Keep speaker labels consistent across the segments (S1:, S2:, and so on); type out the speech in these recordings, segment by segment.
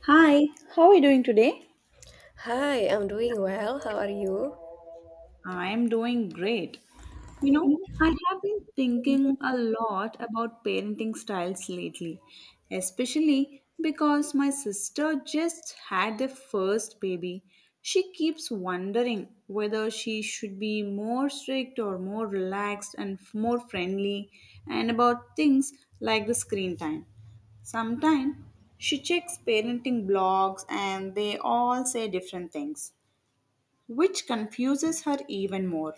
S1: Hi, how are you doing today?
S2: Hi, I'm doing well. How are you?
S1: I'm doing great. You know, I have been thinking a lot about parenting styles lately, especially because my sister just had their first baby. She keeps wondering whether she should be more strict or more relaxed and more friendly, and about things like the screen time. Sometimes she checks parenting blogs and they all say different things, which confuses her even more.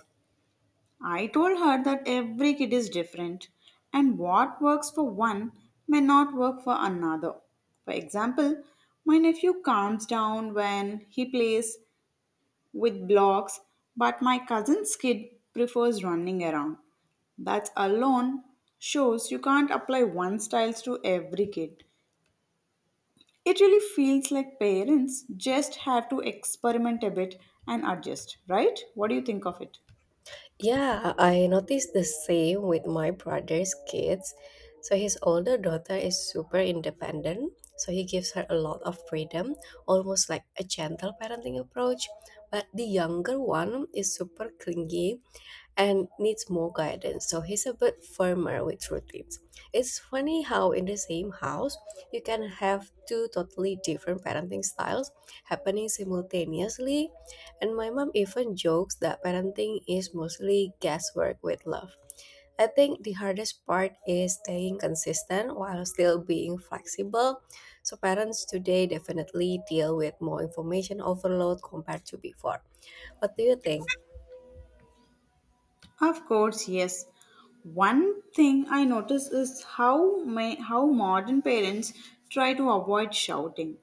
S1: I told her that every kid is different and what works for one may not work for another. For example, my nephew calms down when he plays with blocks, but my cousin's kid prefers running around. That alone shows you can't apply one styles to every kid. It really feels like parents just have to experiment a bit and adjust, right? What do you think of it?
S2: Yeah, I noticed the same with my brother's kids. So his older daughter is super independent, so he gives her a lot of freedom, almost like a gentle parenting approach. But the younger one is super clingy and needs more guidance. So he's a bit firmer with routines. It's funny how in the same house you can have two totally different parenting styles happening simultaneously. And my mom even jokes that parenting is mostly guesswork with love. I think the hardest part is staying consistent while still being flexible. So parents today definitely deal with more information overload compared to before. What do you think?
S1: Of course, yes. One thing I notice is how modern parents try to avoid shouting,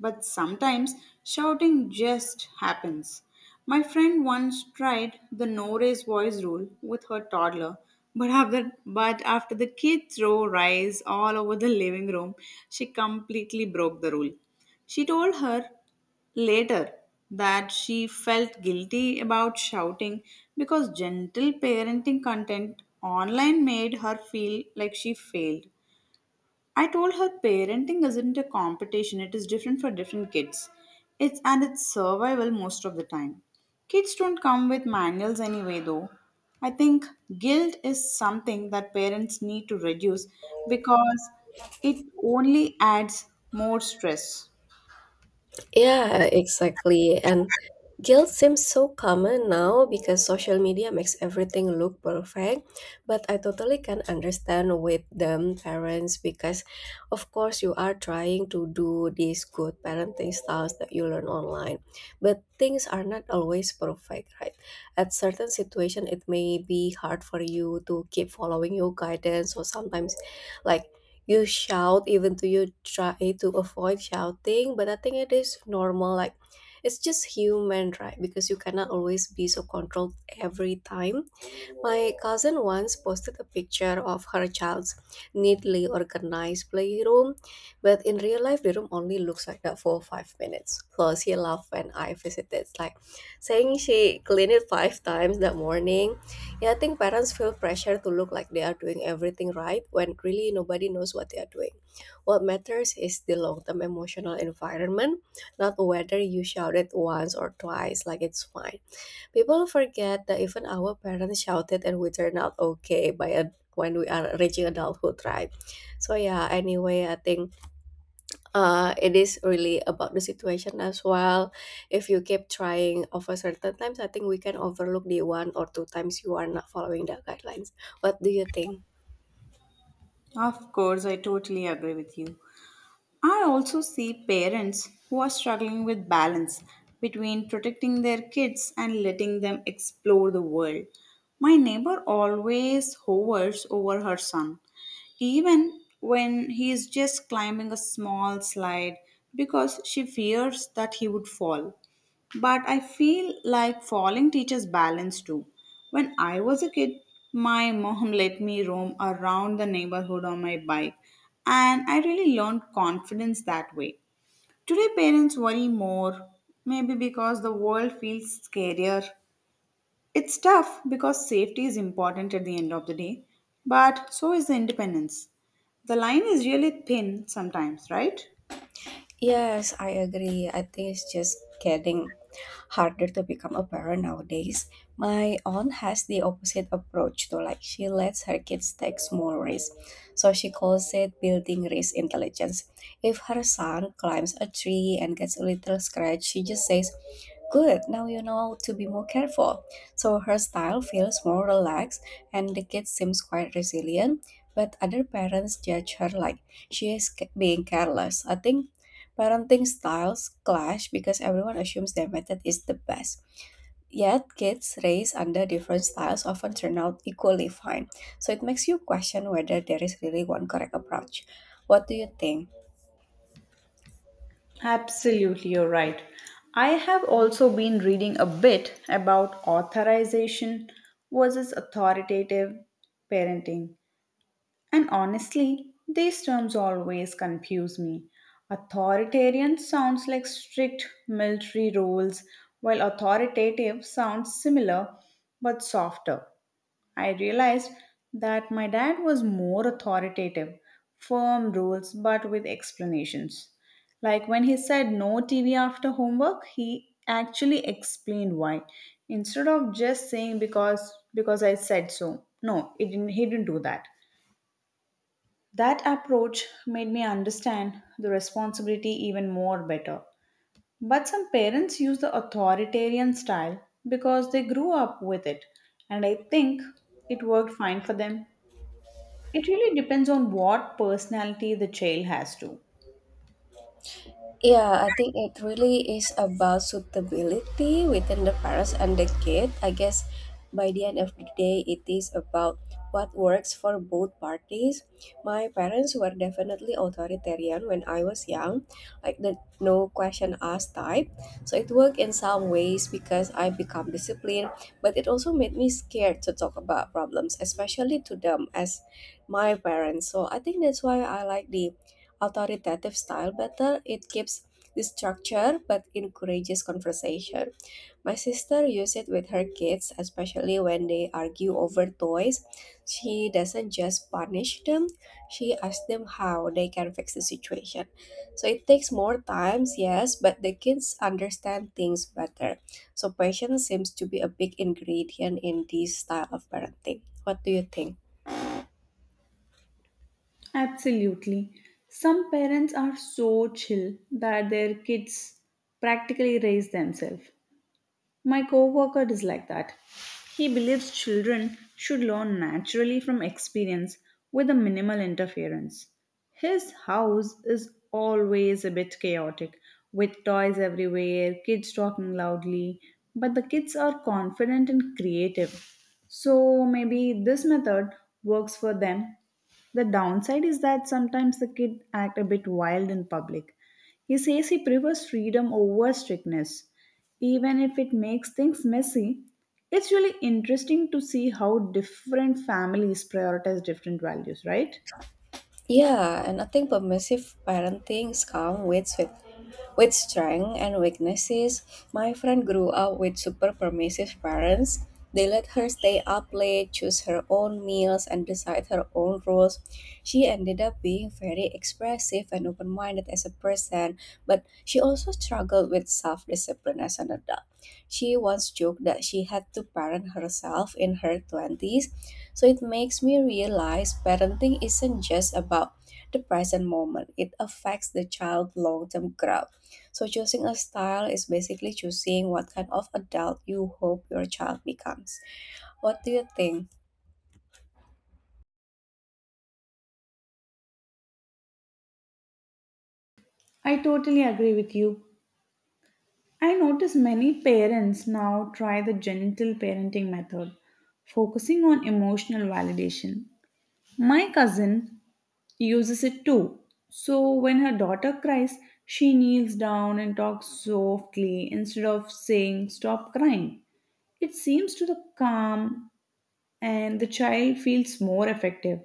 S1: but sometimes shouting just happens. My friend once tried the no raise voice rule with her toddler, but after the kid threw rice all over the living room, she completely broke the rule. She told her later, that she felt guilty about shouting because gentle parenting content online made her feel like she failed. I told her parenting isn't a competition, it is different for different kids. It's survival most of the time. Kids don't come with manuals anyway, though. I think guilt is something that parents need to reduce because it only adds more stress.
S2: Yeah, exactly. And guilt seems so common now because social media makes everything look perfect. But I totally can understand with them parents because of course you are trying to do these good parenting styles that you learn online. But things are not always perfect, right? At certain situation it may be hard for you to keep following your guidance, or sometimes, like, you shout even though you try to avoid shouting, but I think it is normal. Like, it's just human, right? Because you cannot always be so controlled every time. My cousin once posted a picture of her child's neatly organized playroom, but in real life, the room only looks like that for 5 minutes. Plus, he laughed when I visited, like saying she cleaned it five times that morning. Yeah, I think parents feel pressure to look like they are doing everything right when really nobody knows what they are doing. What matters is the long term emotional environment, not whether you shout it once or twice. Like, it's fine. People forget that even our parents shouted and we turned out okay by when we are reaching adulthood, right? So yeah, anyway, I think it is really about the situation as well. If you keep trying over certain times, I think we can overlook the one or two times you are not following the guidelines. What do you think?
S1: Of course, I totally agree with you. I also see parents who are struggling with balance between protecting their kids and letting them explore the world. My neighbor always hovers over her son, even when he is just climbing a small slide because she fears that he would fall. But I feel like falling teaches balance too. When I was a kid, my mom let me roam around the neighborhood on my bike, and I really learned confidence that way. Today, parents worry more, maybe because the world feels scarier. It's tough because safety is important at the end of the day, but so is the independence. The line is really thin sometimes, right?
S2: Yes, I agree. I think it's just getting harder to become a parent nowadays. My aunt has the opposite approach though. Like, she lets her kids take small risks. So she calls it building risk intelligence. If her son climbs a tree and gets a little scratch, she just says, "Good, now you know to be more careful." So her style feels more relaxed and the kid seems quite resilient. But other parents judge her like she is being careless. I think parenting styles clash because everyone assumes their method is the best. Yet, kids raised under different styles often turn out equally fine. So, it makes you question whether there is really one correct approach. What do you think?
S1: Absolutely, you're right. I have also been reading a bit about authorization versus authoritative parenting, and honestly, these terms always confuse me. Authoritarian sounds like strict military rules, while authoritative sounds similar but softer. I realized that my dad was more authoritative, firm rules, but with explanations. Like when he said no TV after homework, he actually explained why, instead of just saying because I said so. No, it didn't, he didn't do that. That approach made me understand the responsibility even more better. But some parents use the authoritarian style because they grew up with it, and I think it worked fine for them. It really depends on what personality the child has to.
S2: Yeah, I think it really is about suitability within the parents and the kid. I guess by the end of the day, it is about what works for both parties. My parents were definitely authoritarian when I was young, like the no question asked type. So it worked in some ways because I become disciplined, but it also made me scared to talk about problems, especially to them as my parents. So I think that's why I like the authoritative style better. It keeps the structure but encourages conversation. My sister uses it with her kids, especially when they argue over toys. She doesn't just punish them, she asks them how they can fix the situation. So it takes more times, yes, but the kids understand things better. So patience seems to be a big ingredient in this style of parenting. What do you think?
S1: Absolutely. Some parents are so chill that their kids practically raise themselves. My coworker is like that. He believes children should learn naturally from experience with a minimal interference. His house is always a bit chaotic, with toys everywhere, kids talking loudly, but the kids are confident and creative. So maybe this method works for them. The downside is that sometimes the kid act a bit wild in public. He says he prefers freedom over strictness. Even if it makes things messy, it's really interesting to see how different families prioritize different values, right?
S2: Yeah, and I think permissive parenting comes with strength and weaknesses. My friend grew up with super permissive parents. They let her stay up late, choose her own meals, and decide her own rules. She ended up being very expressive and open minded as a person, but she also struggled with self discipline as an adult. She once joked that she had to parent herself in her 20s. So it makes me realize parenting isn't just about the present moment, it affects the child's long term growth. So choosing a style is basically choosing what kind of adult you hope your child becomes. What do you think?
S1: I totally agree with you. I notice many parents now try the gentle parenting method, focusing on emotional validation. My cousin uses it too. So when her daughter cries, she kneels down and talks softly instead of saying, "Stop crying." It seems to the calm and the child feels more effective.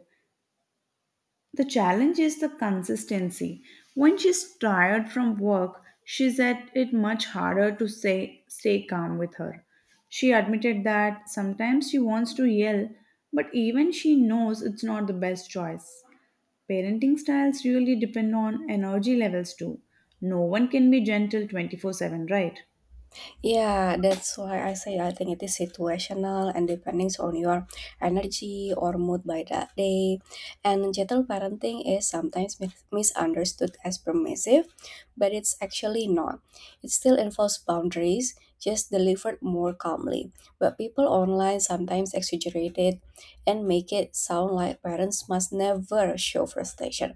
S1: The challenge is the consistency. When she's tired from work, she said it much harder to say stay calm with her. She admitted that sometimes she wants to yell, but even she knows it's not the best choice. Parenting styles really depend on energy levels too. No one can be gentle 24/7, right?
S2: Yeah, that's why I say I think it is situational and depending on your energy or mood by that day. And gentle parenting is sometimes misunderstood as permissive, but it's actually not. It still involves boundaries, just delivered more calmly. But people online sometimes exaggerate it and make it sound like parents must never show frustration.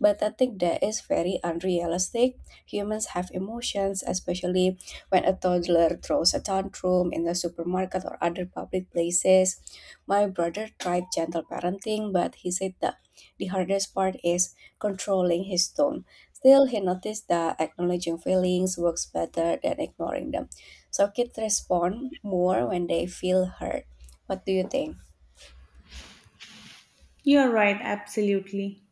S2: But I think that is very unrealistic. Humans have emotions, especially when a toddler throws a tantrum in the supermarket or other public places. My brother tried gentle parenting, but he said that the hardest part is controlling his tone. Still, he noticed that acknowledging feelings works better than ignoring them. So kids respond more when they feel hurt. What do you think?
S1: You're right, absolutely.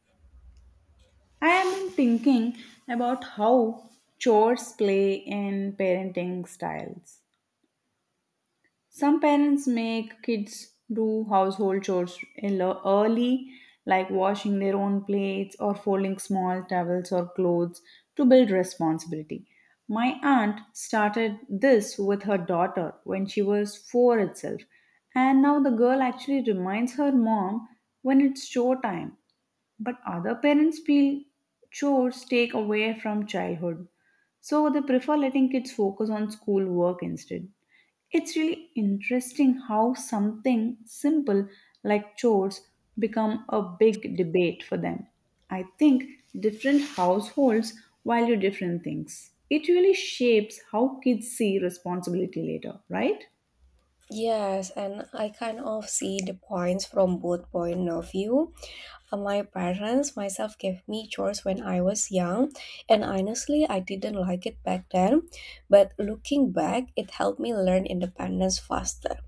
S1: I have been thinking about how chores play in parenting styles. Some parents make kids do household chores early, like washing their own plates or folding small towels or clothes to build responsibility. My aunt started this with her daughter when she was 4 itself, and now the girl actually reminds her mom when it's chore time. But other parents feel chores take away from childhood, so they prefer letting kids focus on schoolwork instead. It's really interesting how something simple like chores become a big debate for them. I think different households value different things. It really shapes how kids see responsibility later, right?
S2: Yes, and I kind of see the points from both point of view. My parents, myself, gave me chores when I was young, and honestly, I didn't like it back then. But looking back, it helped me learn independence faster.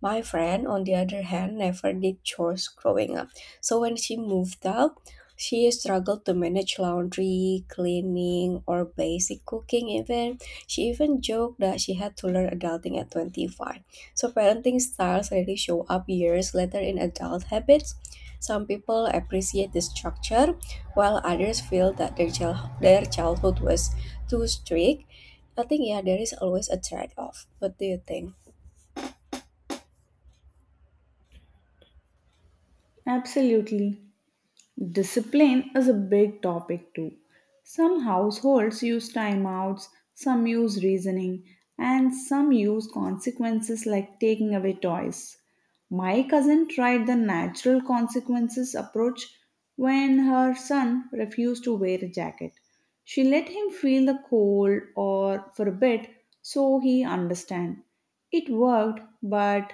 S2: My friend, on the other hand, never did chores growing up. So when she moved out, she struggled to manage laundry, cleaning, or basic cooking even. She even joked that she had to learn adulting at 25. So parenting styles really show up years later in adult habits. Some people appreciate the structure, while others feel that their their childhood was too strict. I think, yeah, there is always a trade off. What do you think?
S1: Absolutely. Discipline is a big topic too. Some households use timeouts, some use reasoning, and some use consequences like taking away toys. My cousin tried the natural consequences approach when her son refused to wear a jacket. She let him feel the cold or for a bit so he understand. It worked, but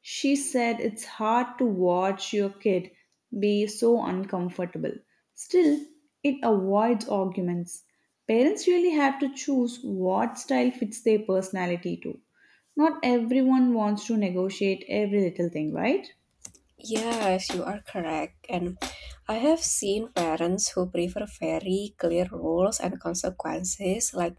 S1: she said it's hard to watch your kid be so uncomfortable. Still, it avoids arguments. Parents really have to choose what style fits their personality too. Not everyone wants to negotiate every little thing, right?
S2: Yes, you are correct. And I have seen parents who prefer very clear rules and consequences, like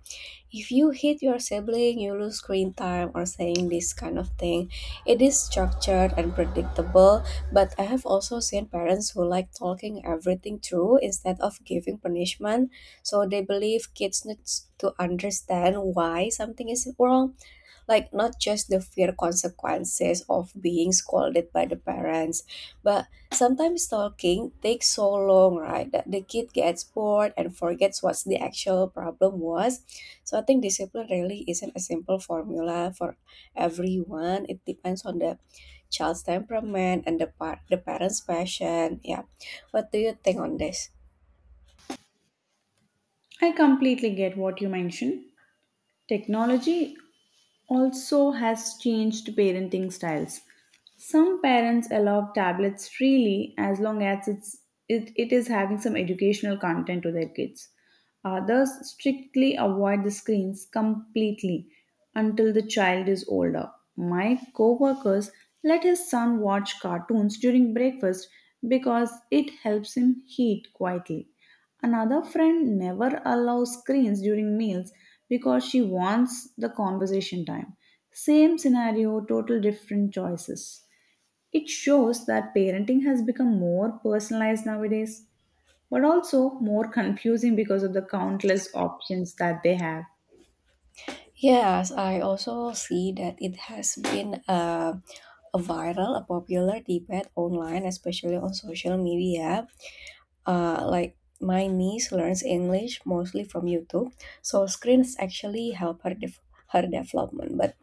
S2: if you hit your sibling, you lose screen time, or saying this kind of thing. It is structured and predictable, but I have also seen parents who like talking everything through instead of giving punishment. So they believe kids need to understand why something is wrong, like not just the fear consequences of being scolded by the parents, but sometimes talking takes so long, right, that the kid gets bored and forgets what the actual problem was. So I think discipline really isn't a simple formula for everyone. It depends on the child's temperament and the parents passion. Yeah, what do you think on this?
S1: I completely get what you mentioned. Technology also has changed parenting styles. Some parents allow tablets freely as long as it is having some educational content to their kids. Others strictly avoid the screens completely until the child is older. My coworkers let his son watch cartoons during breakfast because it helps him eat quietly. Another friend never allows screens during meals because she wants the conversation time. Same scenario, total different choices. It shows that parenting has become more personalized nowadays, but also more confusing because of the countless options that they have.
S2: Yes, I also see that it has been a viral, a popular debate online, especially on social media. Like, my niece learns English mostly from YouTube, so screens actually help her her development. But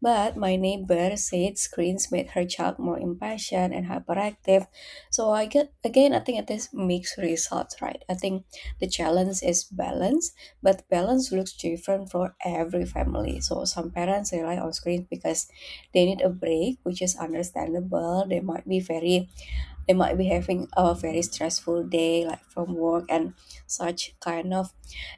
S2: my neighbor said screens made her child more impatient and hyperactive. So I get, again, I think it is mixed results, right? I think the challenge is balance, but balance looks different for every family. So some parents rely on screens because they need a break, which is understandable. They might be having a very stressful day, like from work and such kind of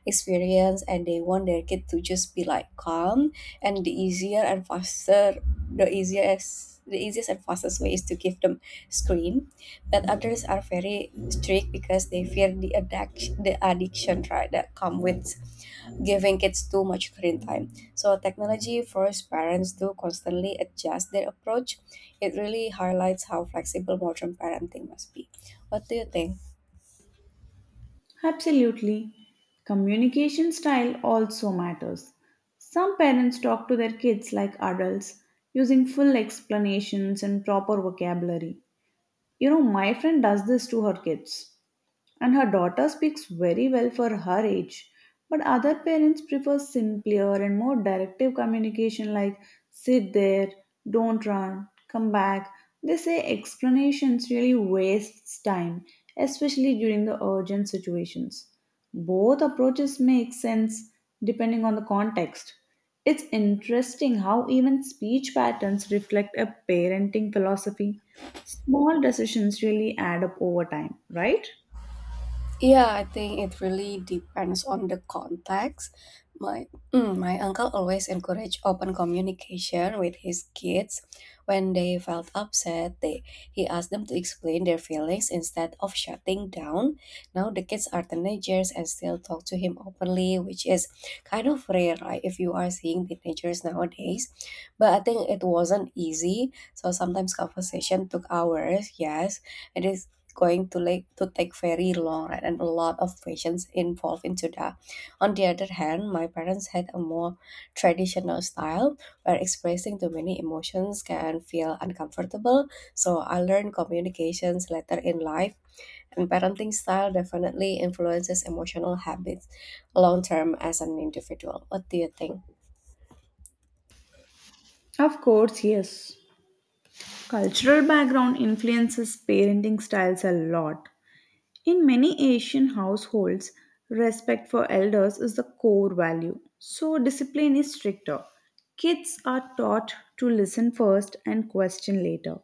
S2: experience, and they want their kid to just be, like, calm. And the easier and faster, the easiest and fastest way is to give them screen. But others are very strict because they fear the addiction, right, that come with giving kids too much screen time. So technology forces parents to constantly adjust their approach. It really highlights how flexible modern parenting must be. What do you think?
S1: Absolutely. Communication style also matters. Some parents talk to their kids like adults, using full explanations and proper vocabulary. You know, my friend does this to her kids. And her daughter speaks very well for her age, but other parents prefer simpler and more directive communication like "sit there, don't run, come back." They say explanations really wastes time, especially during the urgent situations. Both approaches make sense depending on the context. It's interesting how even speech patterns reflect a parenting philosophy. Small decisions really add up over time, right?
S2: Yeah, I think it really depends on the context. My my uncle always encouraged open communication with his kids. When they felt upset, they he asked them to explain their feelings instead of shutting down. Now the kids are teenagers and still talk to him openly, which is kind of rare, right? If you are seeing teenagers nowadays, but I think it wasn't easy. So sometimes conversation took hours. Yes, it is going to, like, to take very long, right, and a lot of patience involved into that. On the other hand, my parents had a more traditional style where expressing too many emotions can feel uncomfortable, so I learned communications later in life. And parenting style definitely influences emotional habits long term as an individual. What do you think?
S1: Of course, yes. Cultural background influences parenting styles a lot. In many Asian households, respect for elders is the core value, so discipline is stricter. Kids are taught to listen first and question later.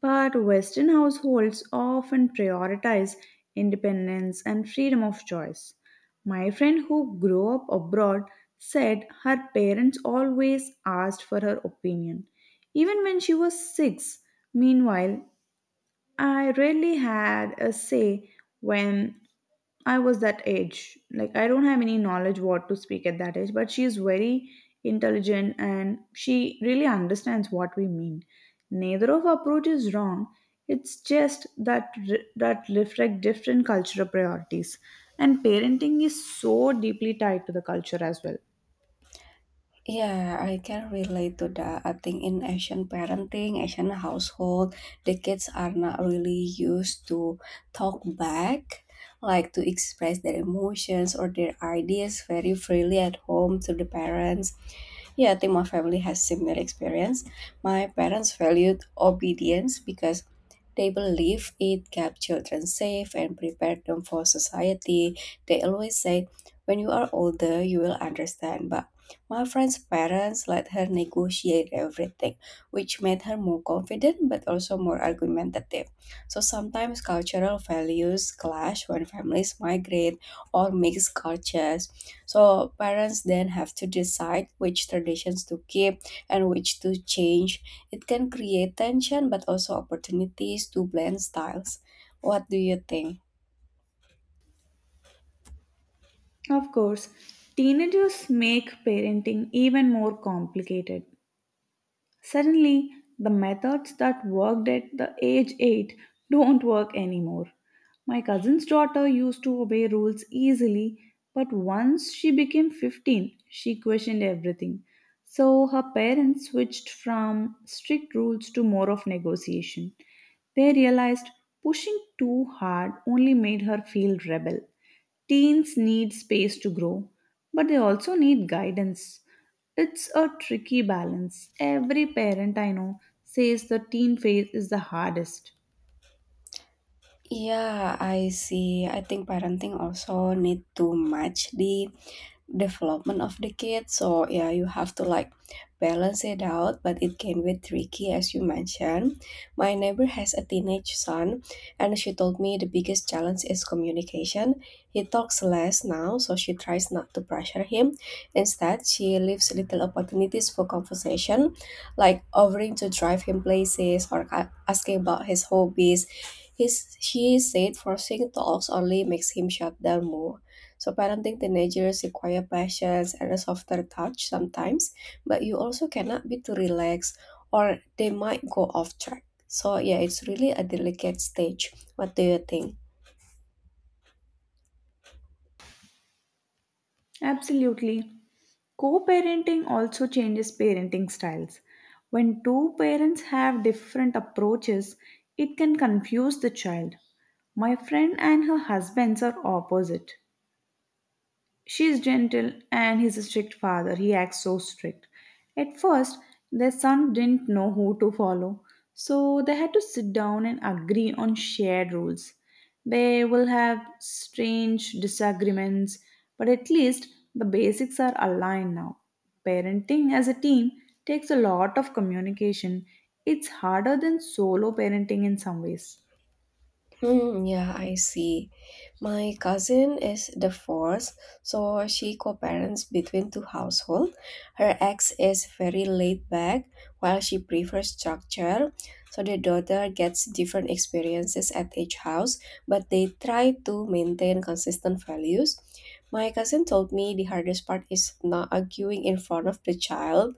S1: But Western households often prioritize independence and freedom of choice. My friend who grew up abroad said her parents always asked for her opinion, even when she was 6. Meanwhile, I really had a say when I was that age. Like I don't have any knowledge what to speak at that age, but she is very intelligent and she really understands what we mean. Neither of approach is wrong. It's just that that reflect different cultural priorities. And parenting is so deeply tied to the culture as well.
S2: Yeah, I can relate to that. I think in Asian parenting, Asian household, the kids are not really used to talk back, like to express their emotions or their ideas very freely at home to the parents. Yeah, I think my family has similar experience. My parents valued obedience because they believe it kept children safe and prepared them for society. They always say, when you are older, you will understand. But my friend's parents let her negotiate everything, which made her more confident but also more argumentative. So sometimes cultural values clash when families migrate or mix cultures, so parents then have to decide which traditions to keep and which to change. It can create tension but also opportunities to blend styles. What do you think?
S1: Of course, teenagers make parenting even more complicated. Suddenly, the methods that worked at the age 8 don't work anymore. My cousin's daughter used to obey rules easily, but once she became 15, she questioned everything. So her parents switched from strict rules to more of negotiation. They realized pushing too hard only made her feel rebel. Teens need space to grow, but they also need guidance. It's a tricky balance. Every parent I know says the teen phase is the hardest.
S2: Yeah, I see. I think parenting also need to match the development of the kid. So yeah, you have to like balance it out, but it can be tricky as you mentioned. My neighbor has a teenage son, and she told me the biggest challenge is communication. He talks less now, so she tries not to pressure him. Instead, she leaves little opportunities for conversation, like offering to drive him places or asking about his hobbies. She said forcing talks only makes him shut down more. So parenting teenagers require patience and a softer touch sometimes, but you also cannot be too relaxed or they might go off track. So yeah, it's really a delicate stage. What do you think?
S1: Absolutely. Co parenting also changes parenting styles. When two parents have different approaches, it can confuse the child. My friend and her husbands are opposite. She is gentle and he's a strict father. He acts so strict. At first, their son didn't know who to follow, so they had to sit down and agree on shared rules. They will have strange disagreements, but at least the basics are aligned now. Parenting as a team takes a lot of communication. It's harder than solo parenting in some ways.
S2: Hmm, yeah, I see. My cousin is divorced, so she co-parents between two households. Her ex is very laid back, while she prefers structure. So the daughter gets different experiences at each house, but they try to maintain consistent values. My cousin told me the hardest part is not arguing in front of the child.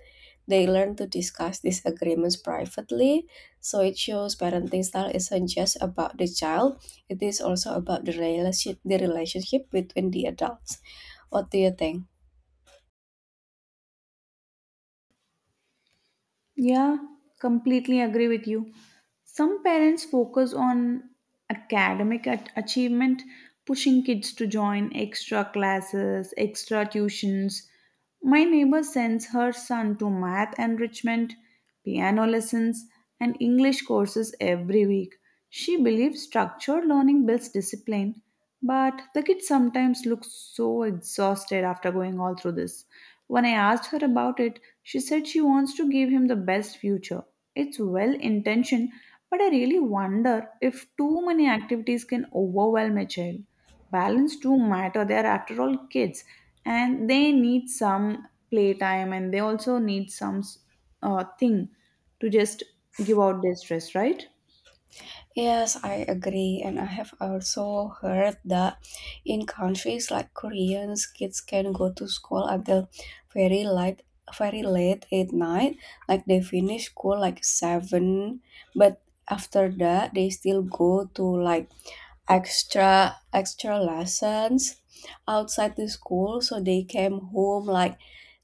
S2: They learn to discuss disagreements privately, so it shows parenting style isn't just about the child, it is also about the relationship between the adults. What do you think?
S1: Yeah, completely agree with you. Some parents focus on academic achievement, pushing kids to join extra classes, extra tuitions. My neighbor sends her son to math enrichment, piano lessons, and English courses every week. She believes structured learning builds discipline, but the kids sometimes look so exhausted after going all through this. When I asked her about it, she said she wants to give him the best future. It's well intentioned, but I really wonder if too many activities can overwhelm a child. Balance do matter, they are after all kids and they need some playtime and they also need some thing to just give out their stress, right?
S2: Yes, I agree, and I have also heard that in countries like Koreans, kids can go to school until very late, very late at night. Like they finish school like seven, but after that they still go to like extra lessons outside the school, so they came home like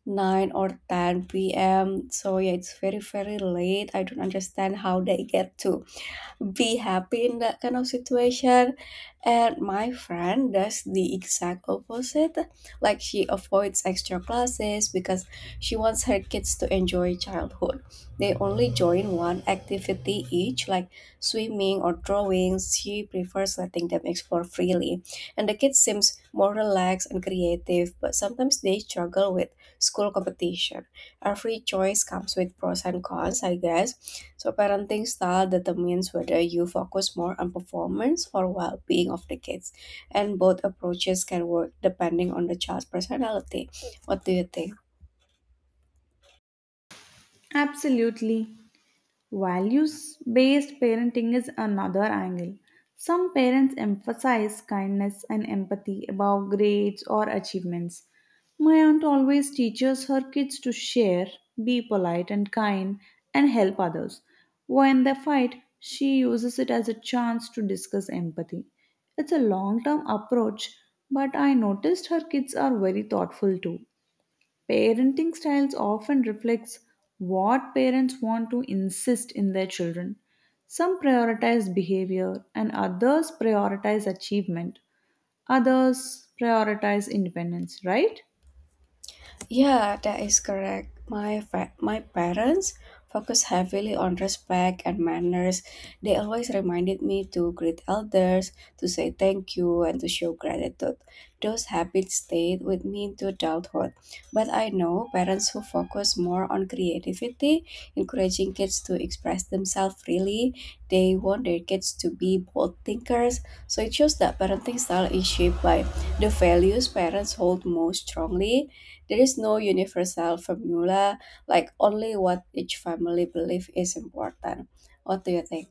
S2: 9 or 10 p.m. So yeah, it's very very late. I don't understand how they get to be happy in that kind of situation. And my friend does the exact opposite. Like she avoids extra classes because she wants her kids to enjoy childhood. They only join one activity each, like swimming or drawings. She prefers letting them explore freely, and the kids seems more relaxed and creative, but sometimes they struggle with school competition. Every choice comes with pros and cons, I guess. So parenting style determines whether you focus more on performance or well-being of the kids, and both approaches can work depending on the child's personality. What do you think?
S1: Absolutely. Values based parenting is another angle. Some parents emphasize kindness and empathy above grades or achievements. My aunt always teaches her kids to share, be polite and kind, and help others. When they fight, she uses it as a chance to discuss empathy. It's a long term approach, but I noticed her kids are very thoughtful too. Parenting styles often reflects what parents want to insist in their children. Some prioritize behavior and others prioritize achievement. Others prioritize independence, right?
S2: Yeah, that is correct. My parents focus heavily on respect and manners. They always reminded me to greet elders, to say thank you, and to show gratitude. Those habits stayed with me into adulthood. But I know parents who focus more on creativity, encouraging kids to express themselves freely. They want their kids to be bold thinkers. So it shows that parenting style is shaped by the values parents hold most strongly. There is no universal formula, like only what each family believes is important. What do you think?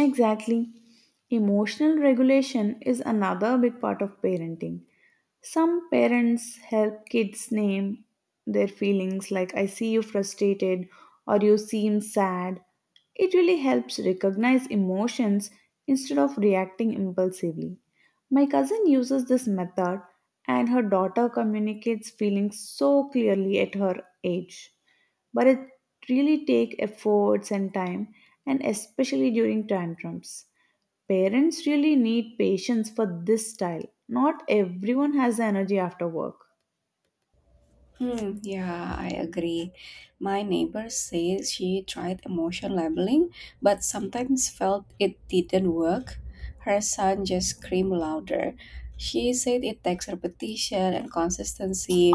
S1: Exactly. Emotional regulation is another big part of parenting. Some parents help kids name their feelings, like "I see you frustrated" or "you seem sad." It really helps recognize emotions instead of reacting impulsively. My cousin uses this method, and her daughter communicates feelings so clearly at her age, but it really takes efforts and time, and especially during tantrums parents really need patience for this style. Not everyone has the energy after work.
S2: Hmm, yeah, I agree. My neighbor says she tried emotion labeling, but sometimes felt it didn't work. Her son just screamed louder. She said it takes repetition and consistency,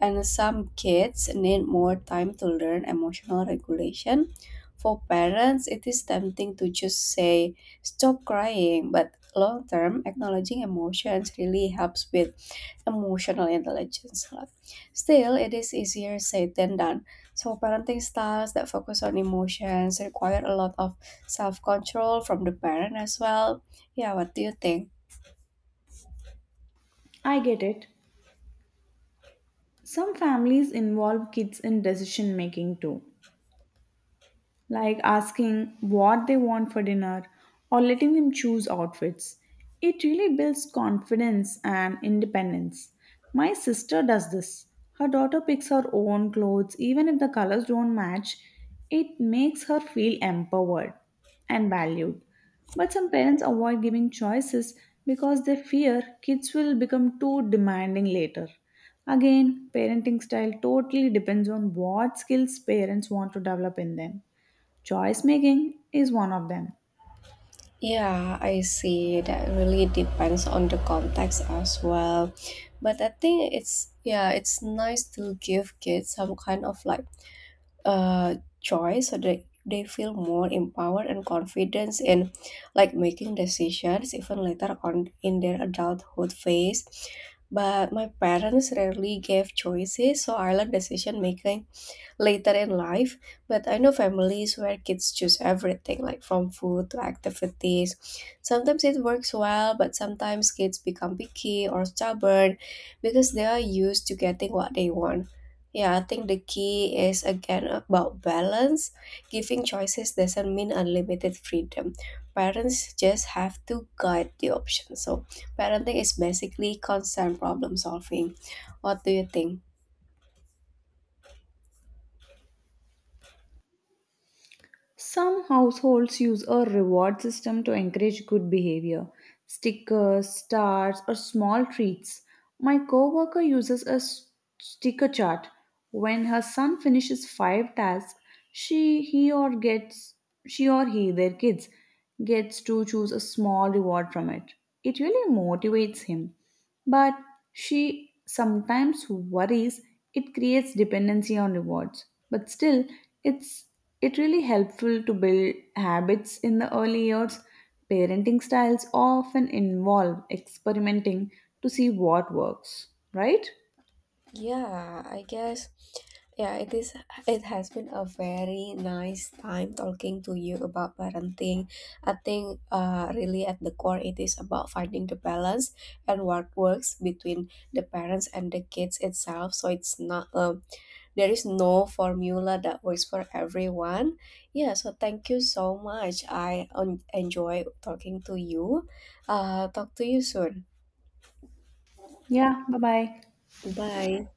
S2: and some kids need more time to learn emotional regulation. For parents, it is tempting to just say, stop crying, but long term, acknowledging emotions really helps with emotional intelligence. Still, it is easier said than done. So, parenting styles that focus on emotions require a lot of self control from the parent as well. Yeah, what do you think?
S1: I get it. Some families involve kids in decision making too, like asking what they want for dinner or letting them choose outfits. It really builds confidence and independence. My sister does this. Her daughter picks her own clothes, even if the colors don't match, it makes her feel empowered and valued. But some parents avoid giving choices because they fear kids will become too demanding later. Again, parenting style totally depends on what skills parents want to develop in them. Choice making is one of them.
S2: Yeah, I see. That really depends on the context as well. But I think it's, yeah, it's nice to give kids some kind of like choice, so they feel more empowered and confidence in like making decisions even later on in their adulthood phase. But my parents rarely gave choices, so I learned decision making later in life. But I know families where kids choose everything, like from food to activities. Sometimes it works well, but sometimes kids become picky or stubborn because they are used to getting what they want. Yeah, I think the key is again about balance. Giving choices doesn't mean unlimited freedom. Parents just have to guide the options. So, parenting is basically constant problem solving. What do you think?
S1: Some households use a reward system to encourage good behavior. Stickers, stars, or small treats. My coworker uses a sticker chart. When her son finishes five tasks, she he or gets she or he, their kids, gets to choose a small reward from it. It really motivates him. But she sometimes worries it creates dependency on rewards. But still, it's it really helpful to build habits in the early years. Parenting styles often involve experimenting to see what works, right?
S2: Yeah, I guess. Yeah, it is. It has been a very nice time talking to you about parenting. I think, really at the core, it is about finding the balance and what works between the parents and the kids itself. So it's not there is no formula that works for everyone. Yeah. So thank you so much. I enjoy talking to you. Talk to you soon.
S1: Yeah, bye bye.
S2: Bye.